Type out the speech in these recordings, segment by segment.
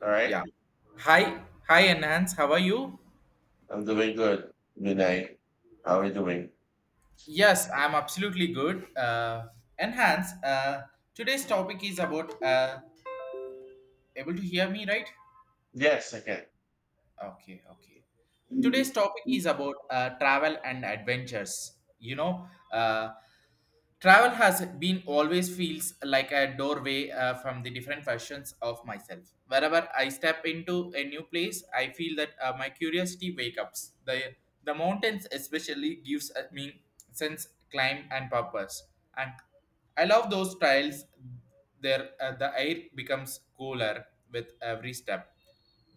All right. Yeah. Hi. Hi, Enhance. How are you? I'm doing good. Good night. How are you doing? Yes, I'm absolutely good. Enhance, today's topic is about. Able to hear me, right? Yes, I Okay, okay. Today's can. topic is about travel and adventures. You know, uh, travel has been always feels like a doorway from the different versions of myself. Wherever I step into a new place, I feel that my curiosity wake ups. The mountains especially gives me sense climb and purpose. And I love those trails. There the air becomes cooler with every step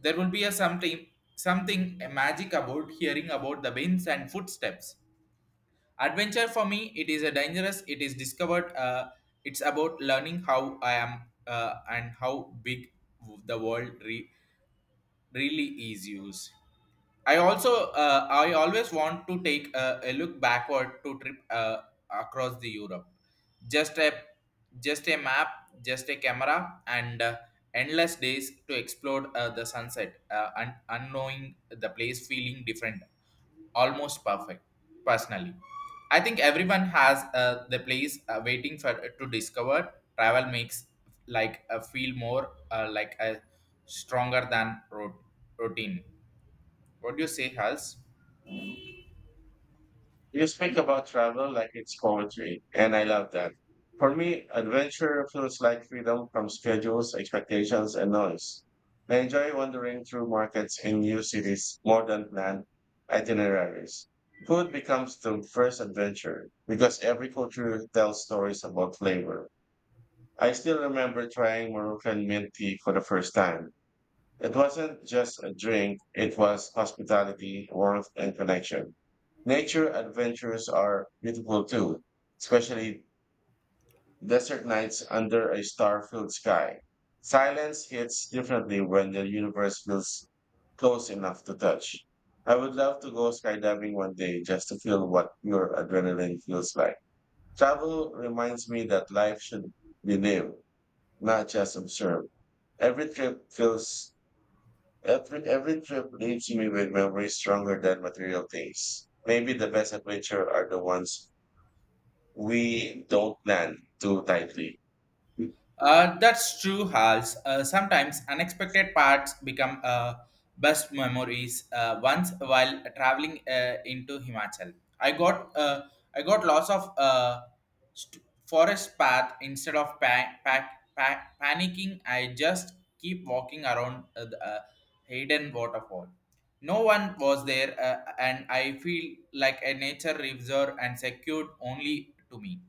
there will be a something magic about hearing about the winds and footsteps. Adventure for me, it is a dangerous. It is discovered. It's about learning how I am and how big the really is. Used. I always want to take a look backward to trip across the Europe. Just a just a map, just a camera, and endless days to explore the sunset, and unknowing the place, feeling different, almost perfect. Personally, I think everyone has the place waiting for to discover. Travel makes like feel more like a stronger than routine, what do you say, Hals? You speak about travel like it's poetry, and I love that. For me, adventure feels like freedom from schedules, expectations, and noise. I enjoy wandering through markets in new cities more than planned itineraries. Food becomes the first adventure because every culture tells stories about flavor. I still remember trying Moroccan mint tea for the first time. It wasn't just a drink, it was hospitality, warmth, and connection. Nature adventures are beautiful too, especially desert nights under a star filled sky. Silence hits differently when the universe feels close enough to touch. I would love to go skydiving one day just to feel what pure adrenaline feels like. Travel reminds me that life should be lived, not just observed. Every trip feels every trip leaves me with memories stronger than material things. Maybe the best adventure are the ones we don't plan too tightly. That's true, Hals. Sometimes unexpected parts become best memories. Once while traveling into Himachal, I got lots of forest path instead of panicking. I just keep walking around the hidden waterfall. No one was there, and I feel like a nature reserve and secured only to me.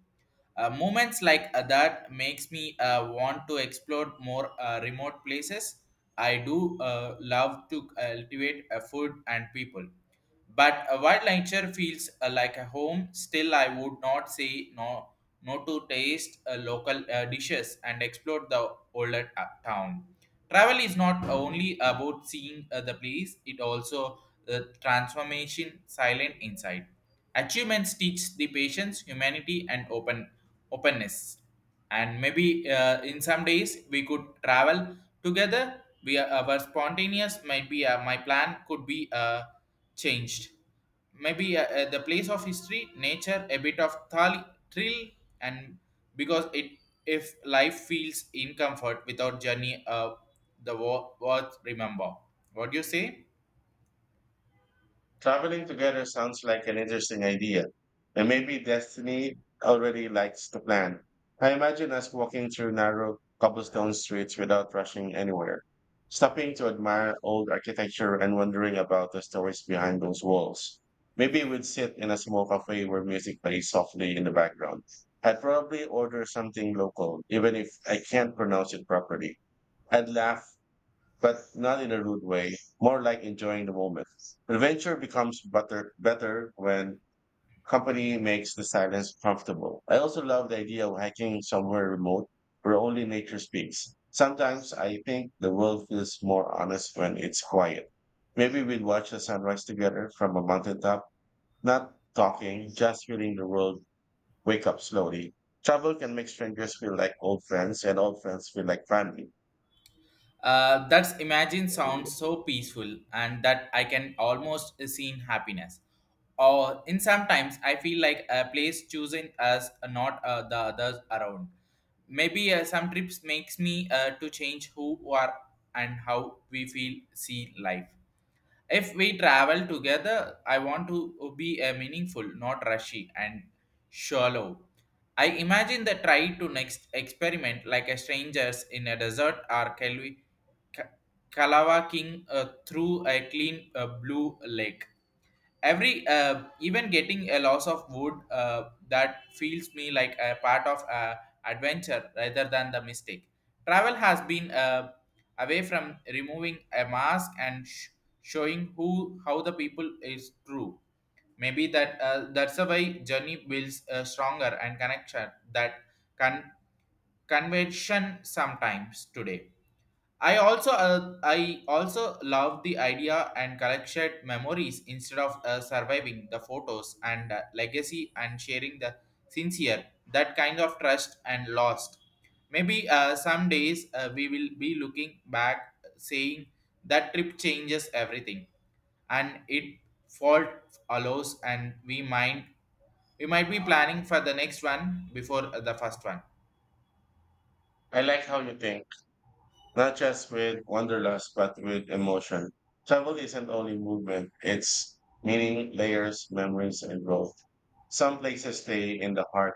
Moments like that makes me want to explore more remote places. I do love to cultivate food and people, but while nature feels like a home, still I would not say no to taste local dishes and explore the older town. Travel is not only about seeing the place, it also transformation silent inside. Achievements teach the patience, humanity, and openness. And maybe in some days we could travel together. We are, our spontaneous might be my plan could be changed. Maybe the place of history, nature, a bit of thrill, and because it if life feels in comfort without journey the words remember. What do you say? Traveling together sounds like an interesting idea, and maybe destiny already likes the plan. I imagine us walking through narrow cobblestone streets without rushing anywhere, stopping to admire old architecture and wondering about the stories behind those walls. Maybe we'd sit in a small cafe where music plays softly in the background. I'd probably order something local, even if I can't pronounce it properly. I'd laugh but not in a rude way, more like enjoying the moment. Adventure becomes better when company makes the silence comfortable. I also love the idea of hiking somewhere remote where only nature speaks. Sometimes I think the world feels more honest when it's quiet. Maybe we'd watch the sunrise together from a mountaintop, not talking, just feeling the world wake up slowly. Travel can make strangers feel like old friends and old friends feel like family. That's imagine sounds so peaceful and that I can almost seen happiness. Or in sometimes I feel like a place chosen as not the others around. Maybe some trips makes me to change who are and how we feel see life. If we travel together, I want to be a meaningful, not rushy and shallow. I imagine the try to next experiment like a strangers in a desert or Kalwi, Kalawa King through a clean blue lake every even getting a loss of wood that feels me like a part of adventure rather than the mistake. Travel has been away from removing a mask and showing who how the people is true. Maybe that that's a way journey builds a stronger and connection that con- convention sometimes today. I also love the idea and collected memories instead of surviving the photos and legacy and sharing the sincere, that kind of trust and lost. Maybe some days we will be looking back saying that trip changes everything and it fault allows and we might be planning for the next one before the first one. I like how you think, not just with wanderlust, but with emotion. Travel isn't only movement, it's meaning, layers, memories, and growth. Some places stay in the heart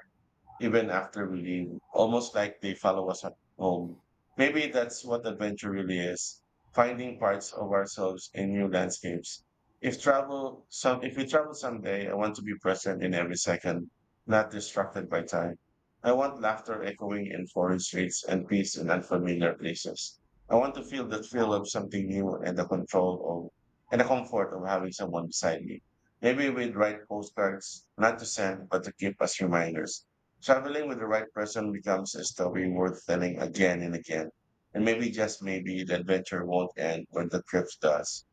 even after we leave, almost like they follow us at home. Maybe that's what adventure really is, finding parts of ourselves in new landscapes. If we travel someday, I want to be present in every second, not distracted by time. I want laughter echoing in foreign streets and peace in unfamiliar places. I want to feel the thrill of something new and the comfort of having someone beside me. Maybe we'd write postcards, not to send, but to keep as reminders. Traveling with the right person becomes a story worth telling again and again. And maybe, just maybe, the adventure won't end when the trip does.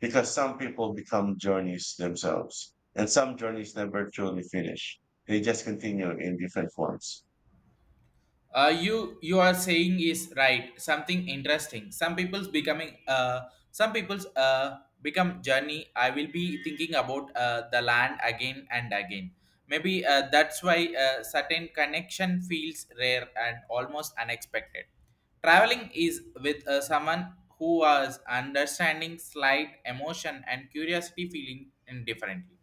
Because some people become journeys themselves. And some journeys never truly finish. They just continue in different forms. You are saying is right, something interesting. Some people's become journey. I will be thinking about the land again and again. Maybe that's why certain connection feels rare and almost unexpected. Traveling is with someone who was understanding slight emotion and curiosity feeling indifferently.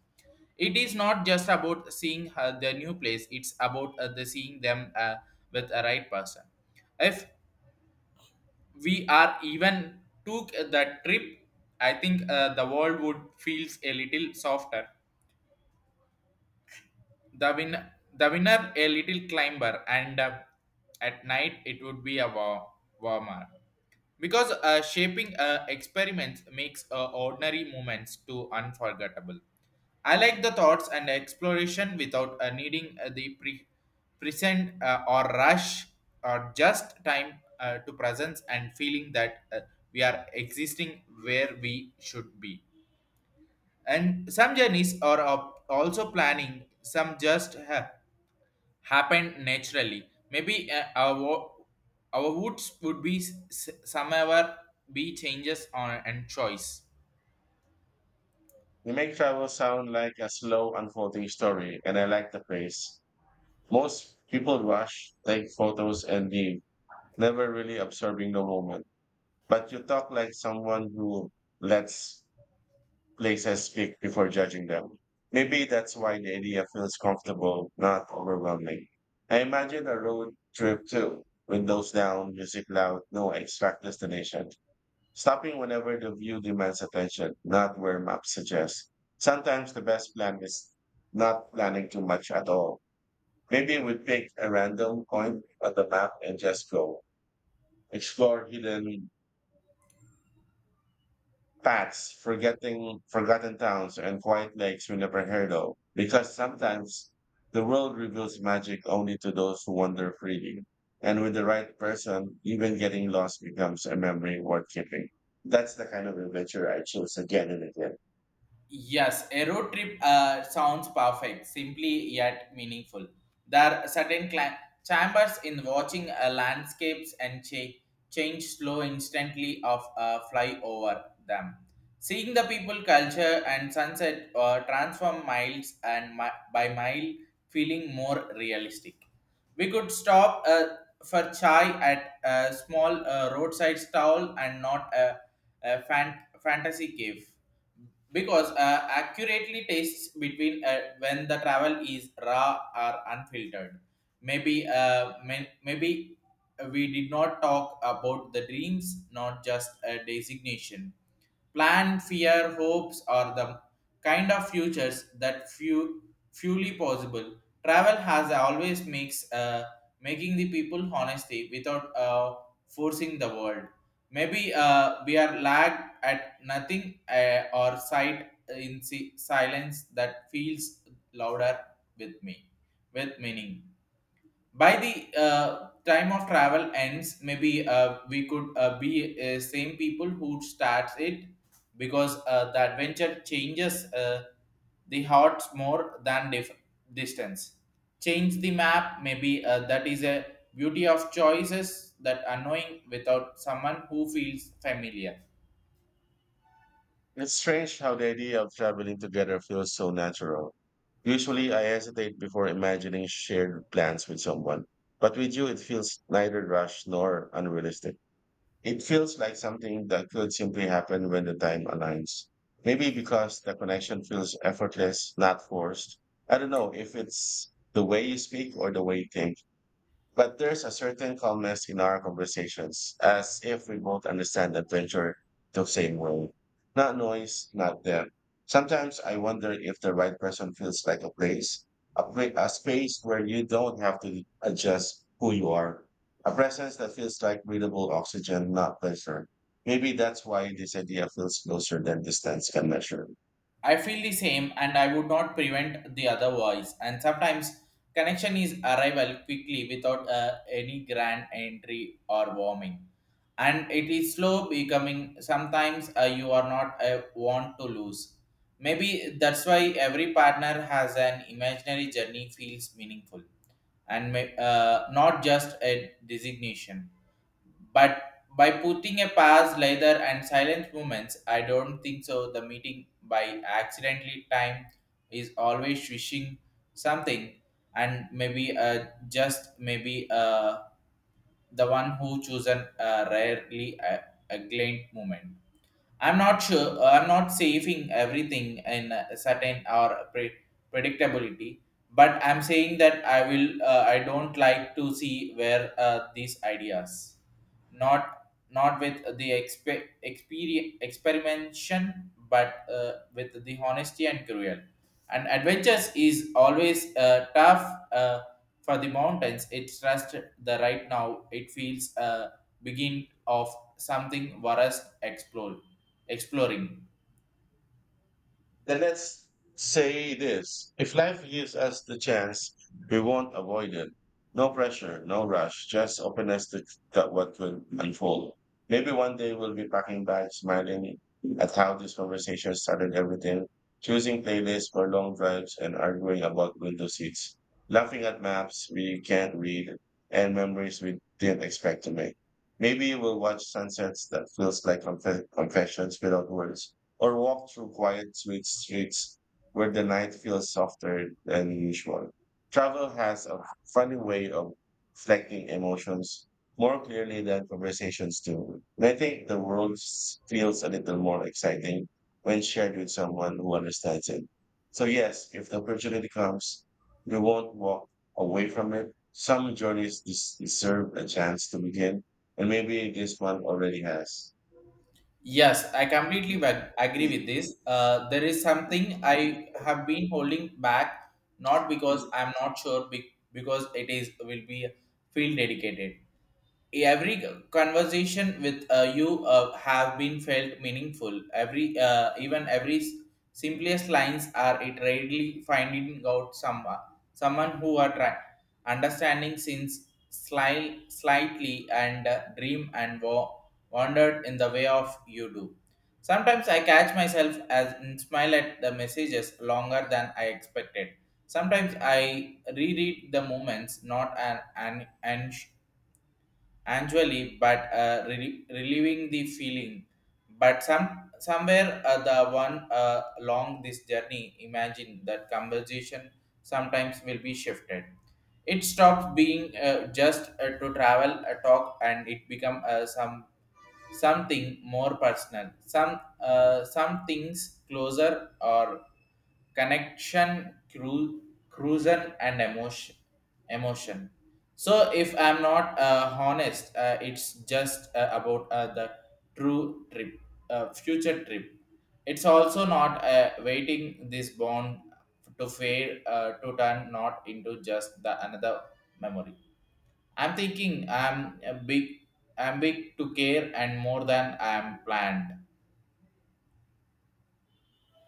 It is not just about seeing the new place; it's about the seeing them with a right person. If we are even took that trip, I think the world would feels a little softer, the win the winner a little climber, and at night it would be a warmer, because shaping experiments makes ordinary moments to unforgettable. I like the thoughts and exploration without needing the present or rush, or just time to presence and feeling that we are existing where we should be, and some journeys are also planning, some just have happened naturally. Maybe our our woods would be somewhere be changes on and choice. They make travel sound like a slow unfolding story, and I like the phrase. Most people rush, take photos, and leave, never really observing the moment. But you talk like someone who lets places speak before judging them. Maybe that's why the idea feels comfortable, not overwhelming. I imagine a road trip too. Windows down, music loud, no exact destination. Stopping whenever the view demands attention, not where maps suggest. Sometimes the best plan is not planning too much at all. Maybe we pick a random point on the map and just go. Explore hidden paths, forgetting forgotten towns, and quiet lakes we never heard of. Because sometimes the world reveals magic only to those who wander freely. And with the right person, even getting lost becomes a memory worth keeping. That's the kind of adventure I choose again and again. Yes, a road trip sounds perfect, simply yet meaningful. There are certain chambers in watching landscapes and change slow instantly of fly over them. Seeing the people, culture, and sunset transform miles and by mile, feeling more realistic. We could stop for chai at a small roadside stall and not a fantasy cave, because accurately tastes between when the travel is raw or unfiltered. Maybe maybe we did not talk about the dreams, not just a designation. Plan, fear, hopes are the kind of futures that few fully possible. Travel has always makes making the people honesty without forcing the world. Maybe we are lagged at nothing or sight in silence that feels louder with me with meaning. By the time of travel ends, maybe we could be same people who starts it, because the adventure changes the hearts more than distance change the map. Maybe that is a beauty of choices that annoying without someone who feels familiar. It's strange how the idea of traveling together feels so natural. Usually, I hesitate before imagining shared plans with someone, but with you, it feels neither rushed nor unrealistic. It feels like something that could simply happen when the time aligns. Maybe because the connection feels effortless, not forced. I don't know if it's the way you speak or the way you think. But there's a certain calmness in our conversations, as if we both understand adventure the same way. Not noise, not depth. Sometimes I wonder if the right person feels like a place, a space where you don't have to adjust who you are, a presence that feels like breathable oxygen, not pressure. Maybe that's why this idea feels closer than distance can measure. I feel the same and I would not prevent the other voice. And sometimes connection is arrival quickly without any grand entry or warming. And it is slow becoming, sometimes you are not want to lose. Maybe that's why every partner has an imaginary journey feels meaningful and may, not just a designation. But by putting a pause, leather, and silent movements, I don't think so. The meeting by accidentally time is always wishing something, and maybe just maybe the one who chosen rarely a glint moment. I'm not sure. I'm not saving everything in a certain or predictability, but I'm saying that I will. I don't like to see where these ideas, not not with the expe- experience experimentation, but with the honesty and cruel. And adventures is always tough uh, for the mountains. It trust the right now. It feels a begin of something worst explore exploring. Then let's say this. If life gives us the chance, we won't avoid it. No pressure, no rush, just openness to that what will unfold. Maybe one day we'll be packing bags, smiling at how this conversation started everything, choosing playlists for long drives and arguing about window seats, laughing at maps we can't read and memories we didn't expect to make. Maybe we'll watch sunsets that feels like confessions without words, or walk through quiet, sweet streets where the night feels softer than usual. Travel has a funny way of reflecting emotions more clearly than conversations do. And I think the feels a little more exciting when shared with someone who understands it. So, yes, if the opportunity comes, we won't walk away from it. Some deserve a chance to begin, and maybe this one already has. Yes, I completely agree with this. There is something I have been holding back, not because I'm not sure because it is will be feel dedicated. Every conversation with you have been felt meaningful. Every simplest lines are it readily finding out someone who are trying understanding since slightly and dream and wandered in the way of you do. Sometimes I catch myself as and smile at the messages longer than I expected. Sometimes I reread the moments, not an annually but relieving the feeling. But somewhere the one along this journey imagine that conversation sometimes will be shifted. It stops being just to travel a talk, and it become some something more personal, some things closer or connection cruiser and emotion. So if I'm not honest, it's just about the true trip, future trip. It's also not waiting this bond to fade to turn not into just the another memory. I'm thinking I'm a big, I'm big to care and more than I'm planned.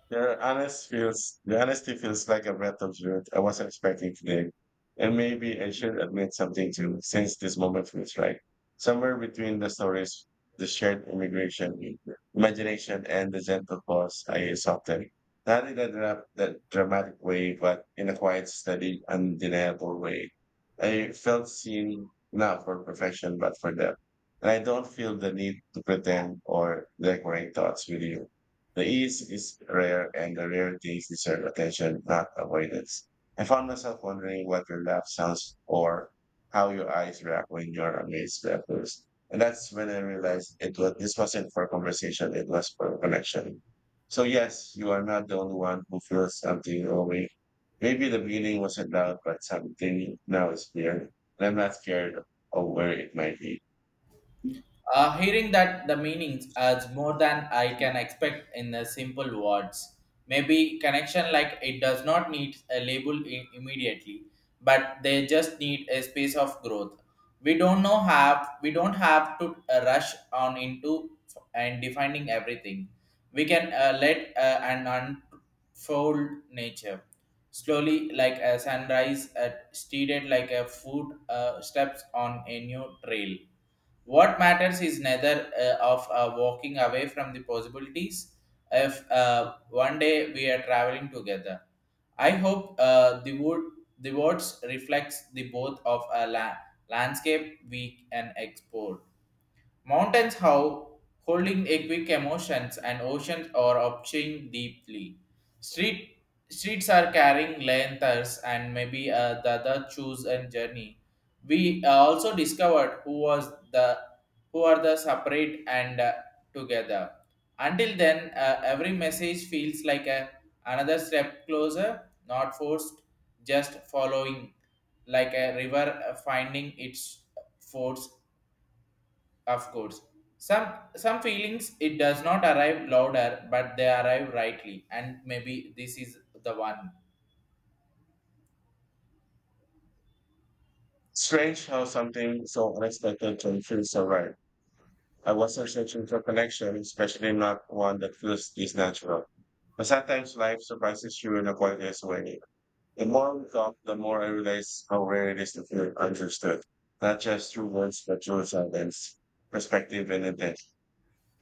Your honest feels the honesty feels like a breath of truth I wasn't expecting today. And maybe I should admit something too, since this moment feels right. Somewhere between the stories, the imagination, and the gentle pause, I softened. Not in that dramatic way, but in a quiet, steady, undeniable way. I felt seen, not for perfection, but for depth. And I don't feel the need to pretend or decorate thoughts with you. The ease is rare and the rare things deserve attention, not avoidance. I found myself wondering what your laugh sounds, or how your eyes react when you're amazed by others. And that's when I realized it was this wasn't for conversation, it was for connection. So yes, you are not the only one who feels something away. Maybe the feeling wasn't loud, but something now is clear. And I'm not scared of where it might be. Hearing that the meanings as more than I can expect in the simple words. Maybe connection like it does not need a label immediately, but they just need a space of growth. We don't have to rush on into and defining everything. We can let an unfold nature slowly like a sunrise, steaded like a foot steps on a new trail. What matters is neither of walking away from the possibilities if one day we are traveling together. I hope the words reflects the both of a landscape we can explore. Mountains, how holding a quick emotions, and oceans are upching deeply. Street Streets are carrying lanterns, and maybe the other choose and journey. We also discovered who was the who are the separate and together. Until then, every message feels like a another step closer, not forced, just following, like a river finding its force of course. Some some feelings it does not arrive louder, but they arrive rightly, and maybe this is the one. Strange how something so unexpected can feel so right. I wasn't searching for connection, especially not one that feels this natural. But sometimes life surprises you in a quietest way. The more we talk, the more I realize how rare it is to feel understood, not just through words, but through silence, perspective, and intent.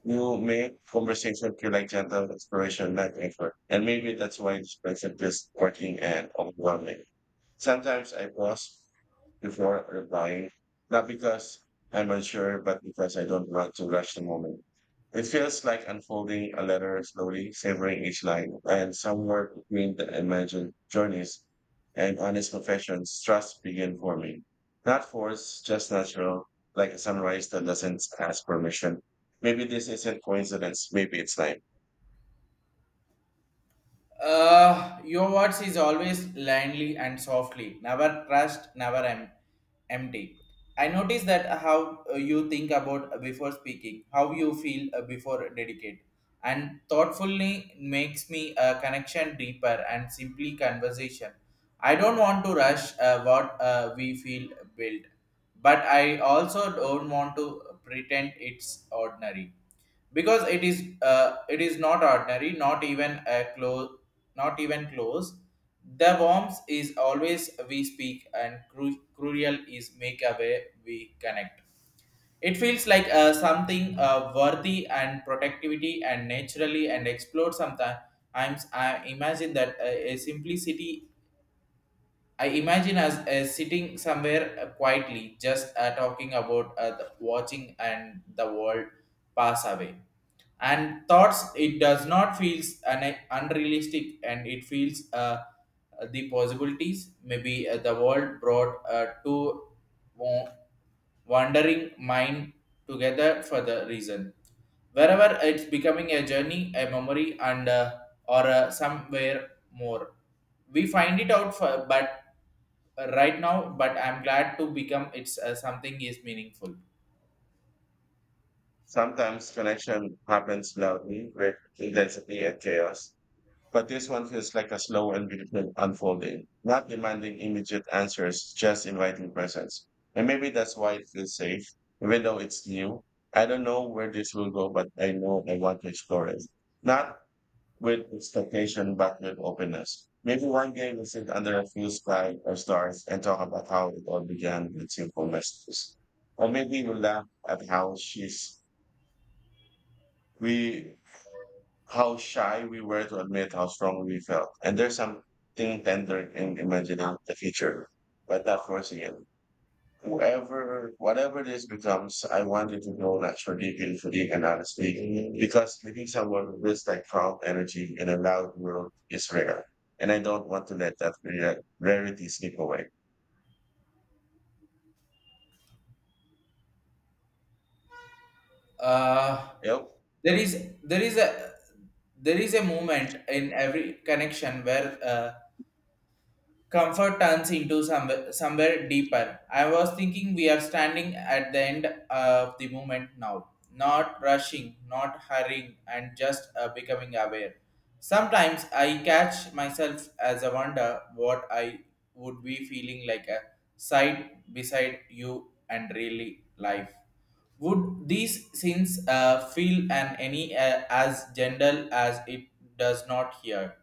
You make conversation feel like gentle exploration, not effort. And maybe that's why this present feels working and overwhelming. Sometimes I pause before replying, not because I'm unsure, but because I don't want to rush the moment. It feels like unfolding a letter slowly, savoring each line, and somewhere between the imagined journeys and honest professions, trust began forming. Not forced, just natural, like a sunrise that doesn't ask permission. Maybe this isn't coincidence, maybe it's time. Your words is always landly and softly. Never trust, never em- empty. I notice that how you think about before speaking, how you feel before dedicate, and thoughtfully makes me a connection deeper and simply conversation. I don't want to rush what we feel built. But I also don't want to pretend it's ordinary because it is not ordinary, not even a close, not even close. The warmth is always we speak, and cruel is make a way we connect. It feels like something worthy and productivity and naturally and explore sometimes. I imagine that a simplicity I imagine us sitting somewhere quietly, just talking about the watching and the world pass away. And thoughts, it does not feels unrealistic, and it feels the possibilities. Maybe the world brought two wa- wandering mind together for the reason. Wherever it's becoming a journey, a memory, and or somewhere more, we find it out for but right now, but I'm glad to become it's something is meaningful. Sometimes connection happens loudly with intensity and chaos. But this one feels like a slow and beautiful unfolding, not demanding immediate answers, just inviting presence. And maybe that's why it feels safe, even though it's new. I don't know where this will go, but I know I want to explore it. Not with expectation, but with openness. Maybe one day we'll sit under a few sky or stars and talk about how it all began with simple messages. Or maybe we'll laugh at we how shy we were to admit how strong we felt. And there's something tender in imagining the future, but not forcing it. Whatever this becomes, I want it to go naturally, beautifully, and honestly, because meeting someone who feels like calm energy in a loud world is rare. And I don't want to let that rarity slip away. Uh, Yep. there is there is a there is a moment in every connection where comfort turns into somewhere deeper. I was thinking we are standing at the end of the moment now, not rushing, not hurrying, and just becoming aware. Sometimes I catch myself as I wonder what I would be feeling like a side beside you and really life. Would these sins feel and any as gentle as it does not here?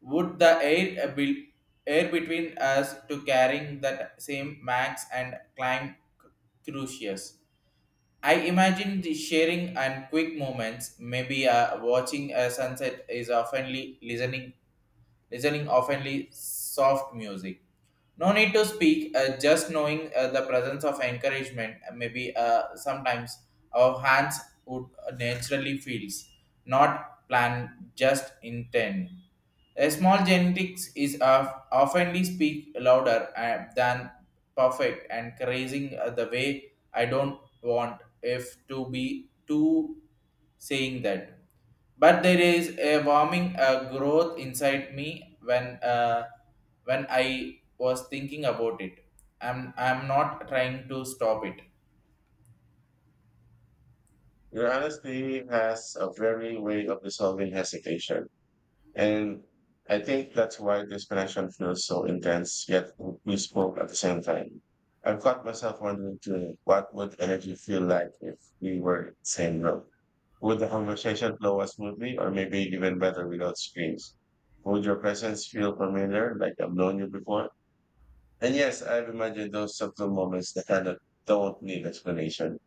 Would the air between us to carrying that same max and climb crucius? I imagine the sharing and quick moments, maybe watching a sunset is oftenly listening oftenly soft music. No need to speak, just knowing the presence of encouragement. Maybe sometimes our hands would naturally feels, not plan, just intend. A small genetics is of, oftenly speak louder than perfect and crazing the way I don't want if to be too saying that but there is a warming growth inside me when I was thinking about it. I'm not trying to stop it. Your honesty has a very way of dissolving hesitation. And I think that's why this connection feels so intense, yet we spoke at the same time. I've caught myself wondering too, what would energy feel like if we were in the same room? Would the conversation flow as smoothly, or maybe even better without screens? Would your presence feel familiar, like I've known you before? And yes, I've imagined those subtle moments that kind of don't need explanation,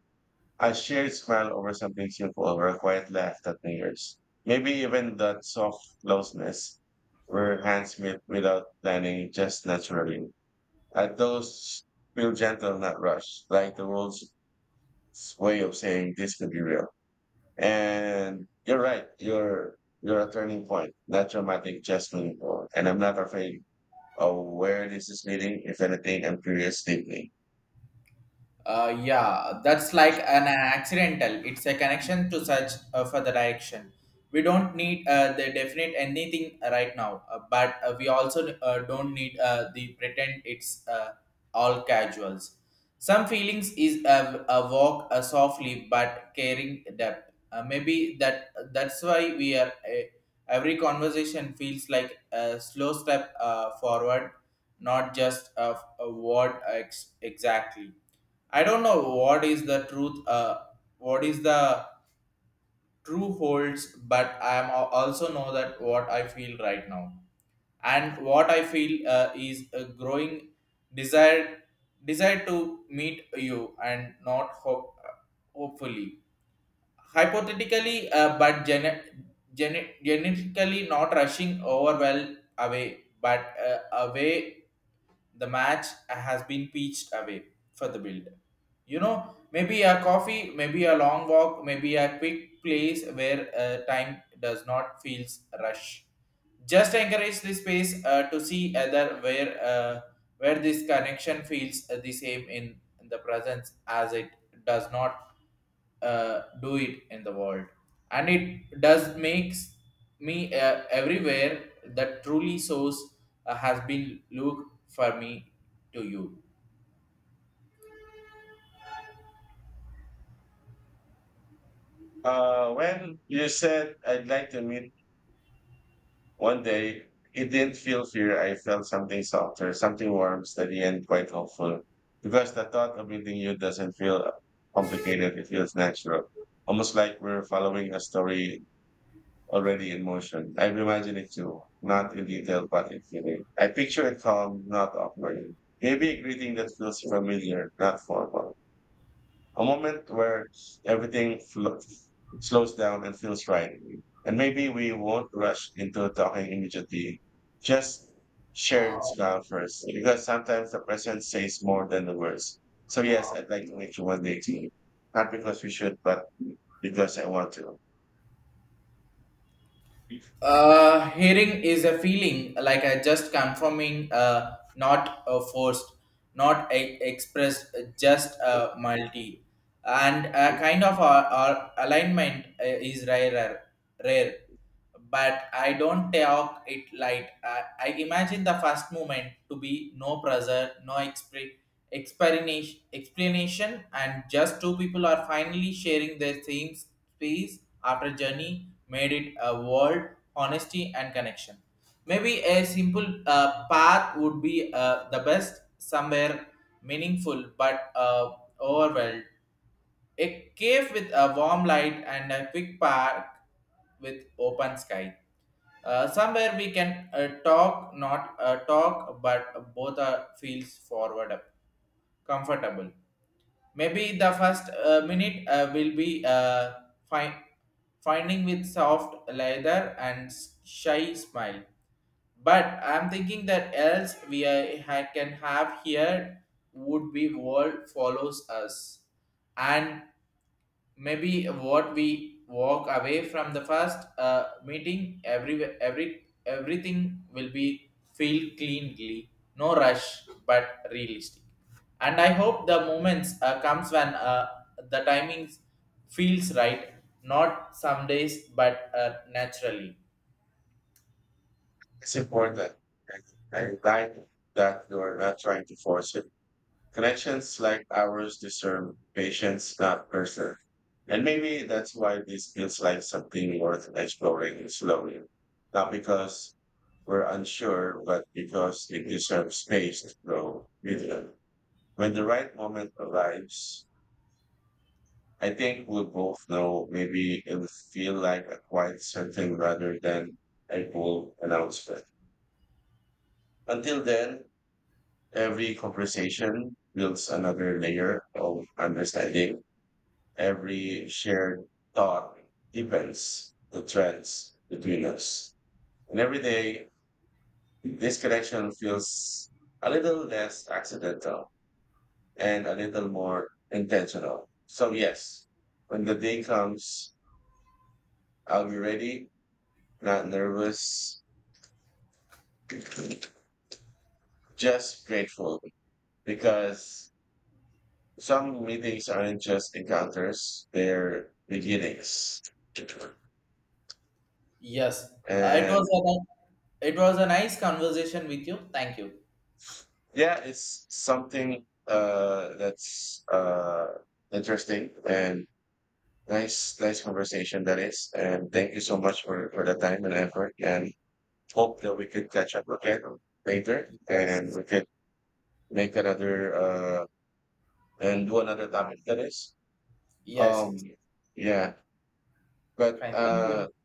a shared smile over something simple or a quiet laugh that lingers. Maybe even that soft closeness where hands meet without planning, just naturally. And those feel gentle, not rushed, like the world's way of saying this could be real. And you're right, you're a turning point, not dramatic, just meaningful. And I'm not afraid of where this is leading. If anything, I'm curious deeply. Yeah, that's like an accidental. It's a connection to such for the direction. We don't need the definite anything right now, but we also don't need the pretend it's all casuals. Some feelings is a walk softly but caring depth. Maybe that's why we are every conversation feels like a slow step forward, not just a word exactly. I don't know what is the truth, what is the true holds, but I am also know that what I feel right now, and what I feel is a growing desire, desire to meet you, and not hope, hopefully, hypothetically, but genetically not rushing over well away, but away the match has been pitched away for the build. You know, maybe a coffee, maybe a long walk, maybe a quick place where time does not feels rush. Just encourage the space to see other where this connection feels the same in the presence as it does not do it in the world and it does makes me everywhere that truly source has been look for me to you. When you said I'd like to meet One day, it didn't feel fear. I felt something softer, something warm, steady, and quite hopeful. Because the thought of meeting you doesn't feel complicated, it feels natural. Almost like we're following a story already in motion. I've imagined it too, not in detail, but in feeling. I picture it calm, not awkward. Maybe a greeting that feels familiar, not formal, a moment where everything slows down and feels right. And maybe we won't rush into talking immediately. Just share the smile first, because sometimes the presence says more than the words. So yes, I'd like to meet you one day too. Not because we should, but because I want to. Hearing is a feeling like I just confirming, not forced, not e- expressed, just multi, and a kind of alignment is rarer, rare. But I don't talk it light. I imagine the first moment to be no pressure, no expression explanation and just two people are finally sharing their same space after journey made it a world honesty and connection. Maybe a simple path would be the best somewhere meaningful but overwhelmed, a cave with a warm light and a quick park with open sky. Somewhere we can talk, not talk, but both are feels forward up, comfortable. Maybe the first minute will be fi- finding with soft leather and shy smile. But I'm thinking that else we can have here would be world follows us, and maybe what we walk away from the first meeting, every everything will be feel cleanly, no rush but realistic. And I hope the moments comes when the timings feels right, not some days but naturally. It's important. I like that you're not trying to force it. Connections like ours deserve patience, not pressure. And maybe that's why this feels like something worth exploring slowly. Not because we're unsure, but because it deserves space to grow with them. When the right moment arrives, I think we'll both know. Maybe it'll feel like a quiet something rather than a bold announcement. Until then, every conversation builds another layer of understanding. Every shared thought deepens the threads between us. And every day, this connection feels a little less accidental and a little more intentional. So, yes, when the day comes, I'll be ready, not nervous, just grateful, because some meetings aren't just encounters, they're beginnings. Yes. uh, it was And a it was a nice conversation with you. Thank you. yeah, it's something that's interesting and nice conversation that is. And thank you so much for the time and effort. And hope that we could catch up again later and Yes. we could make another and do another topic that is. Yes. Yes. Um, yeah, but Fine, thank you.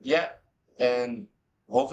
yeah, and Hopefully.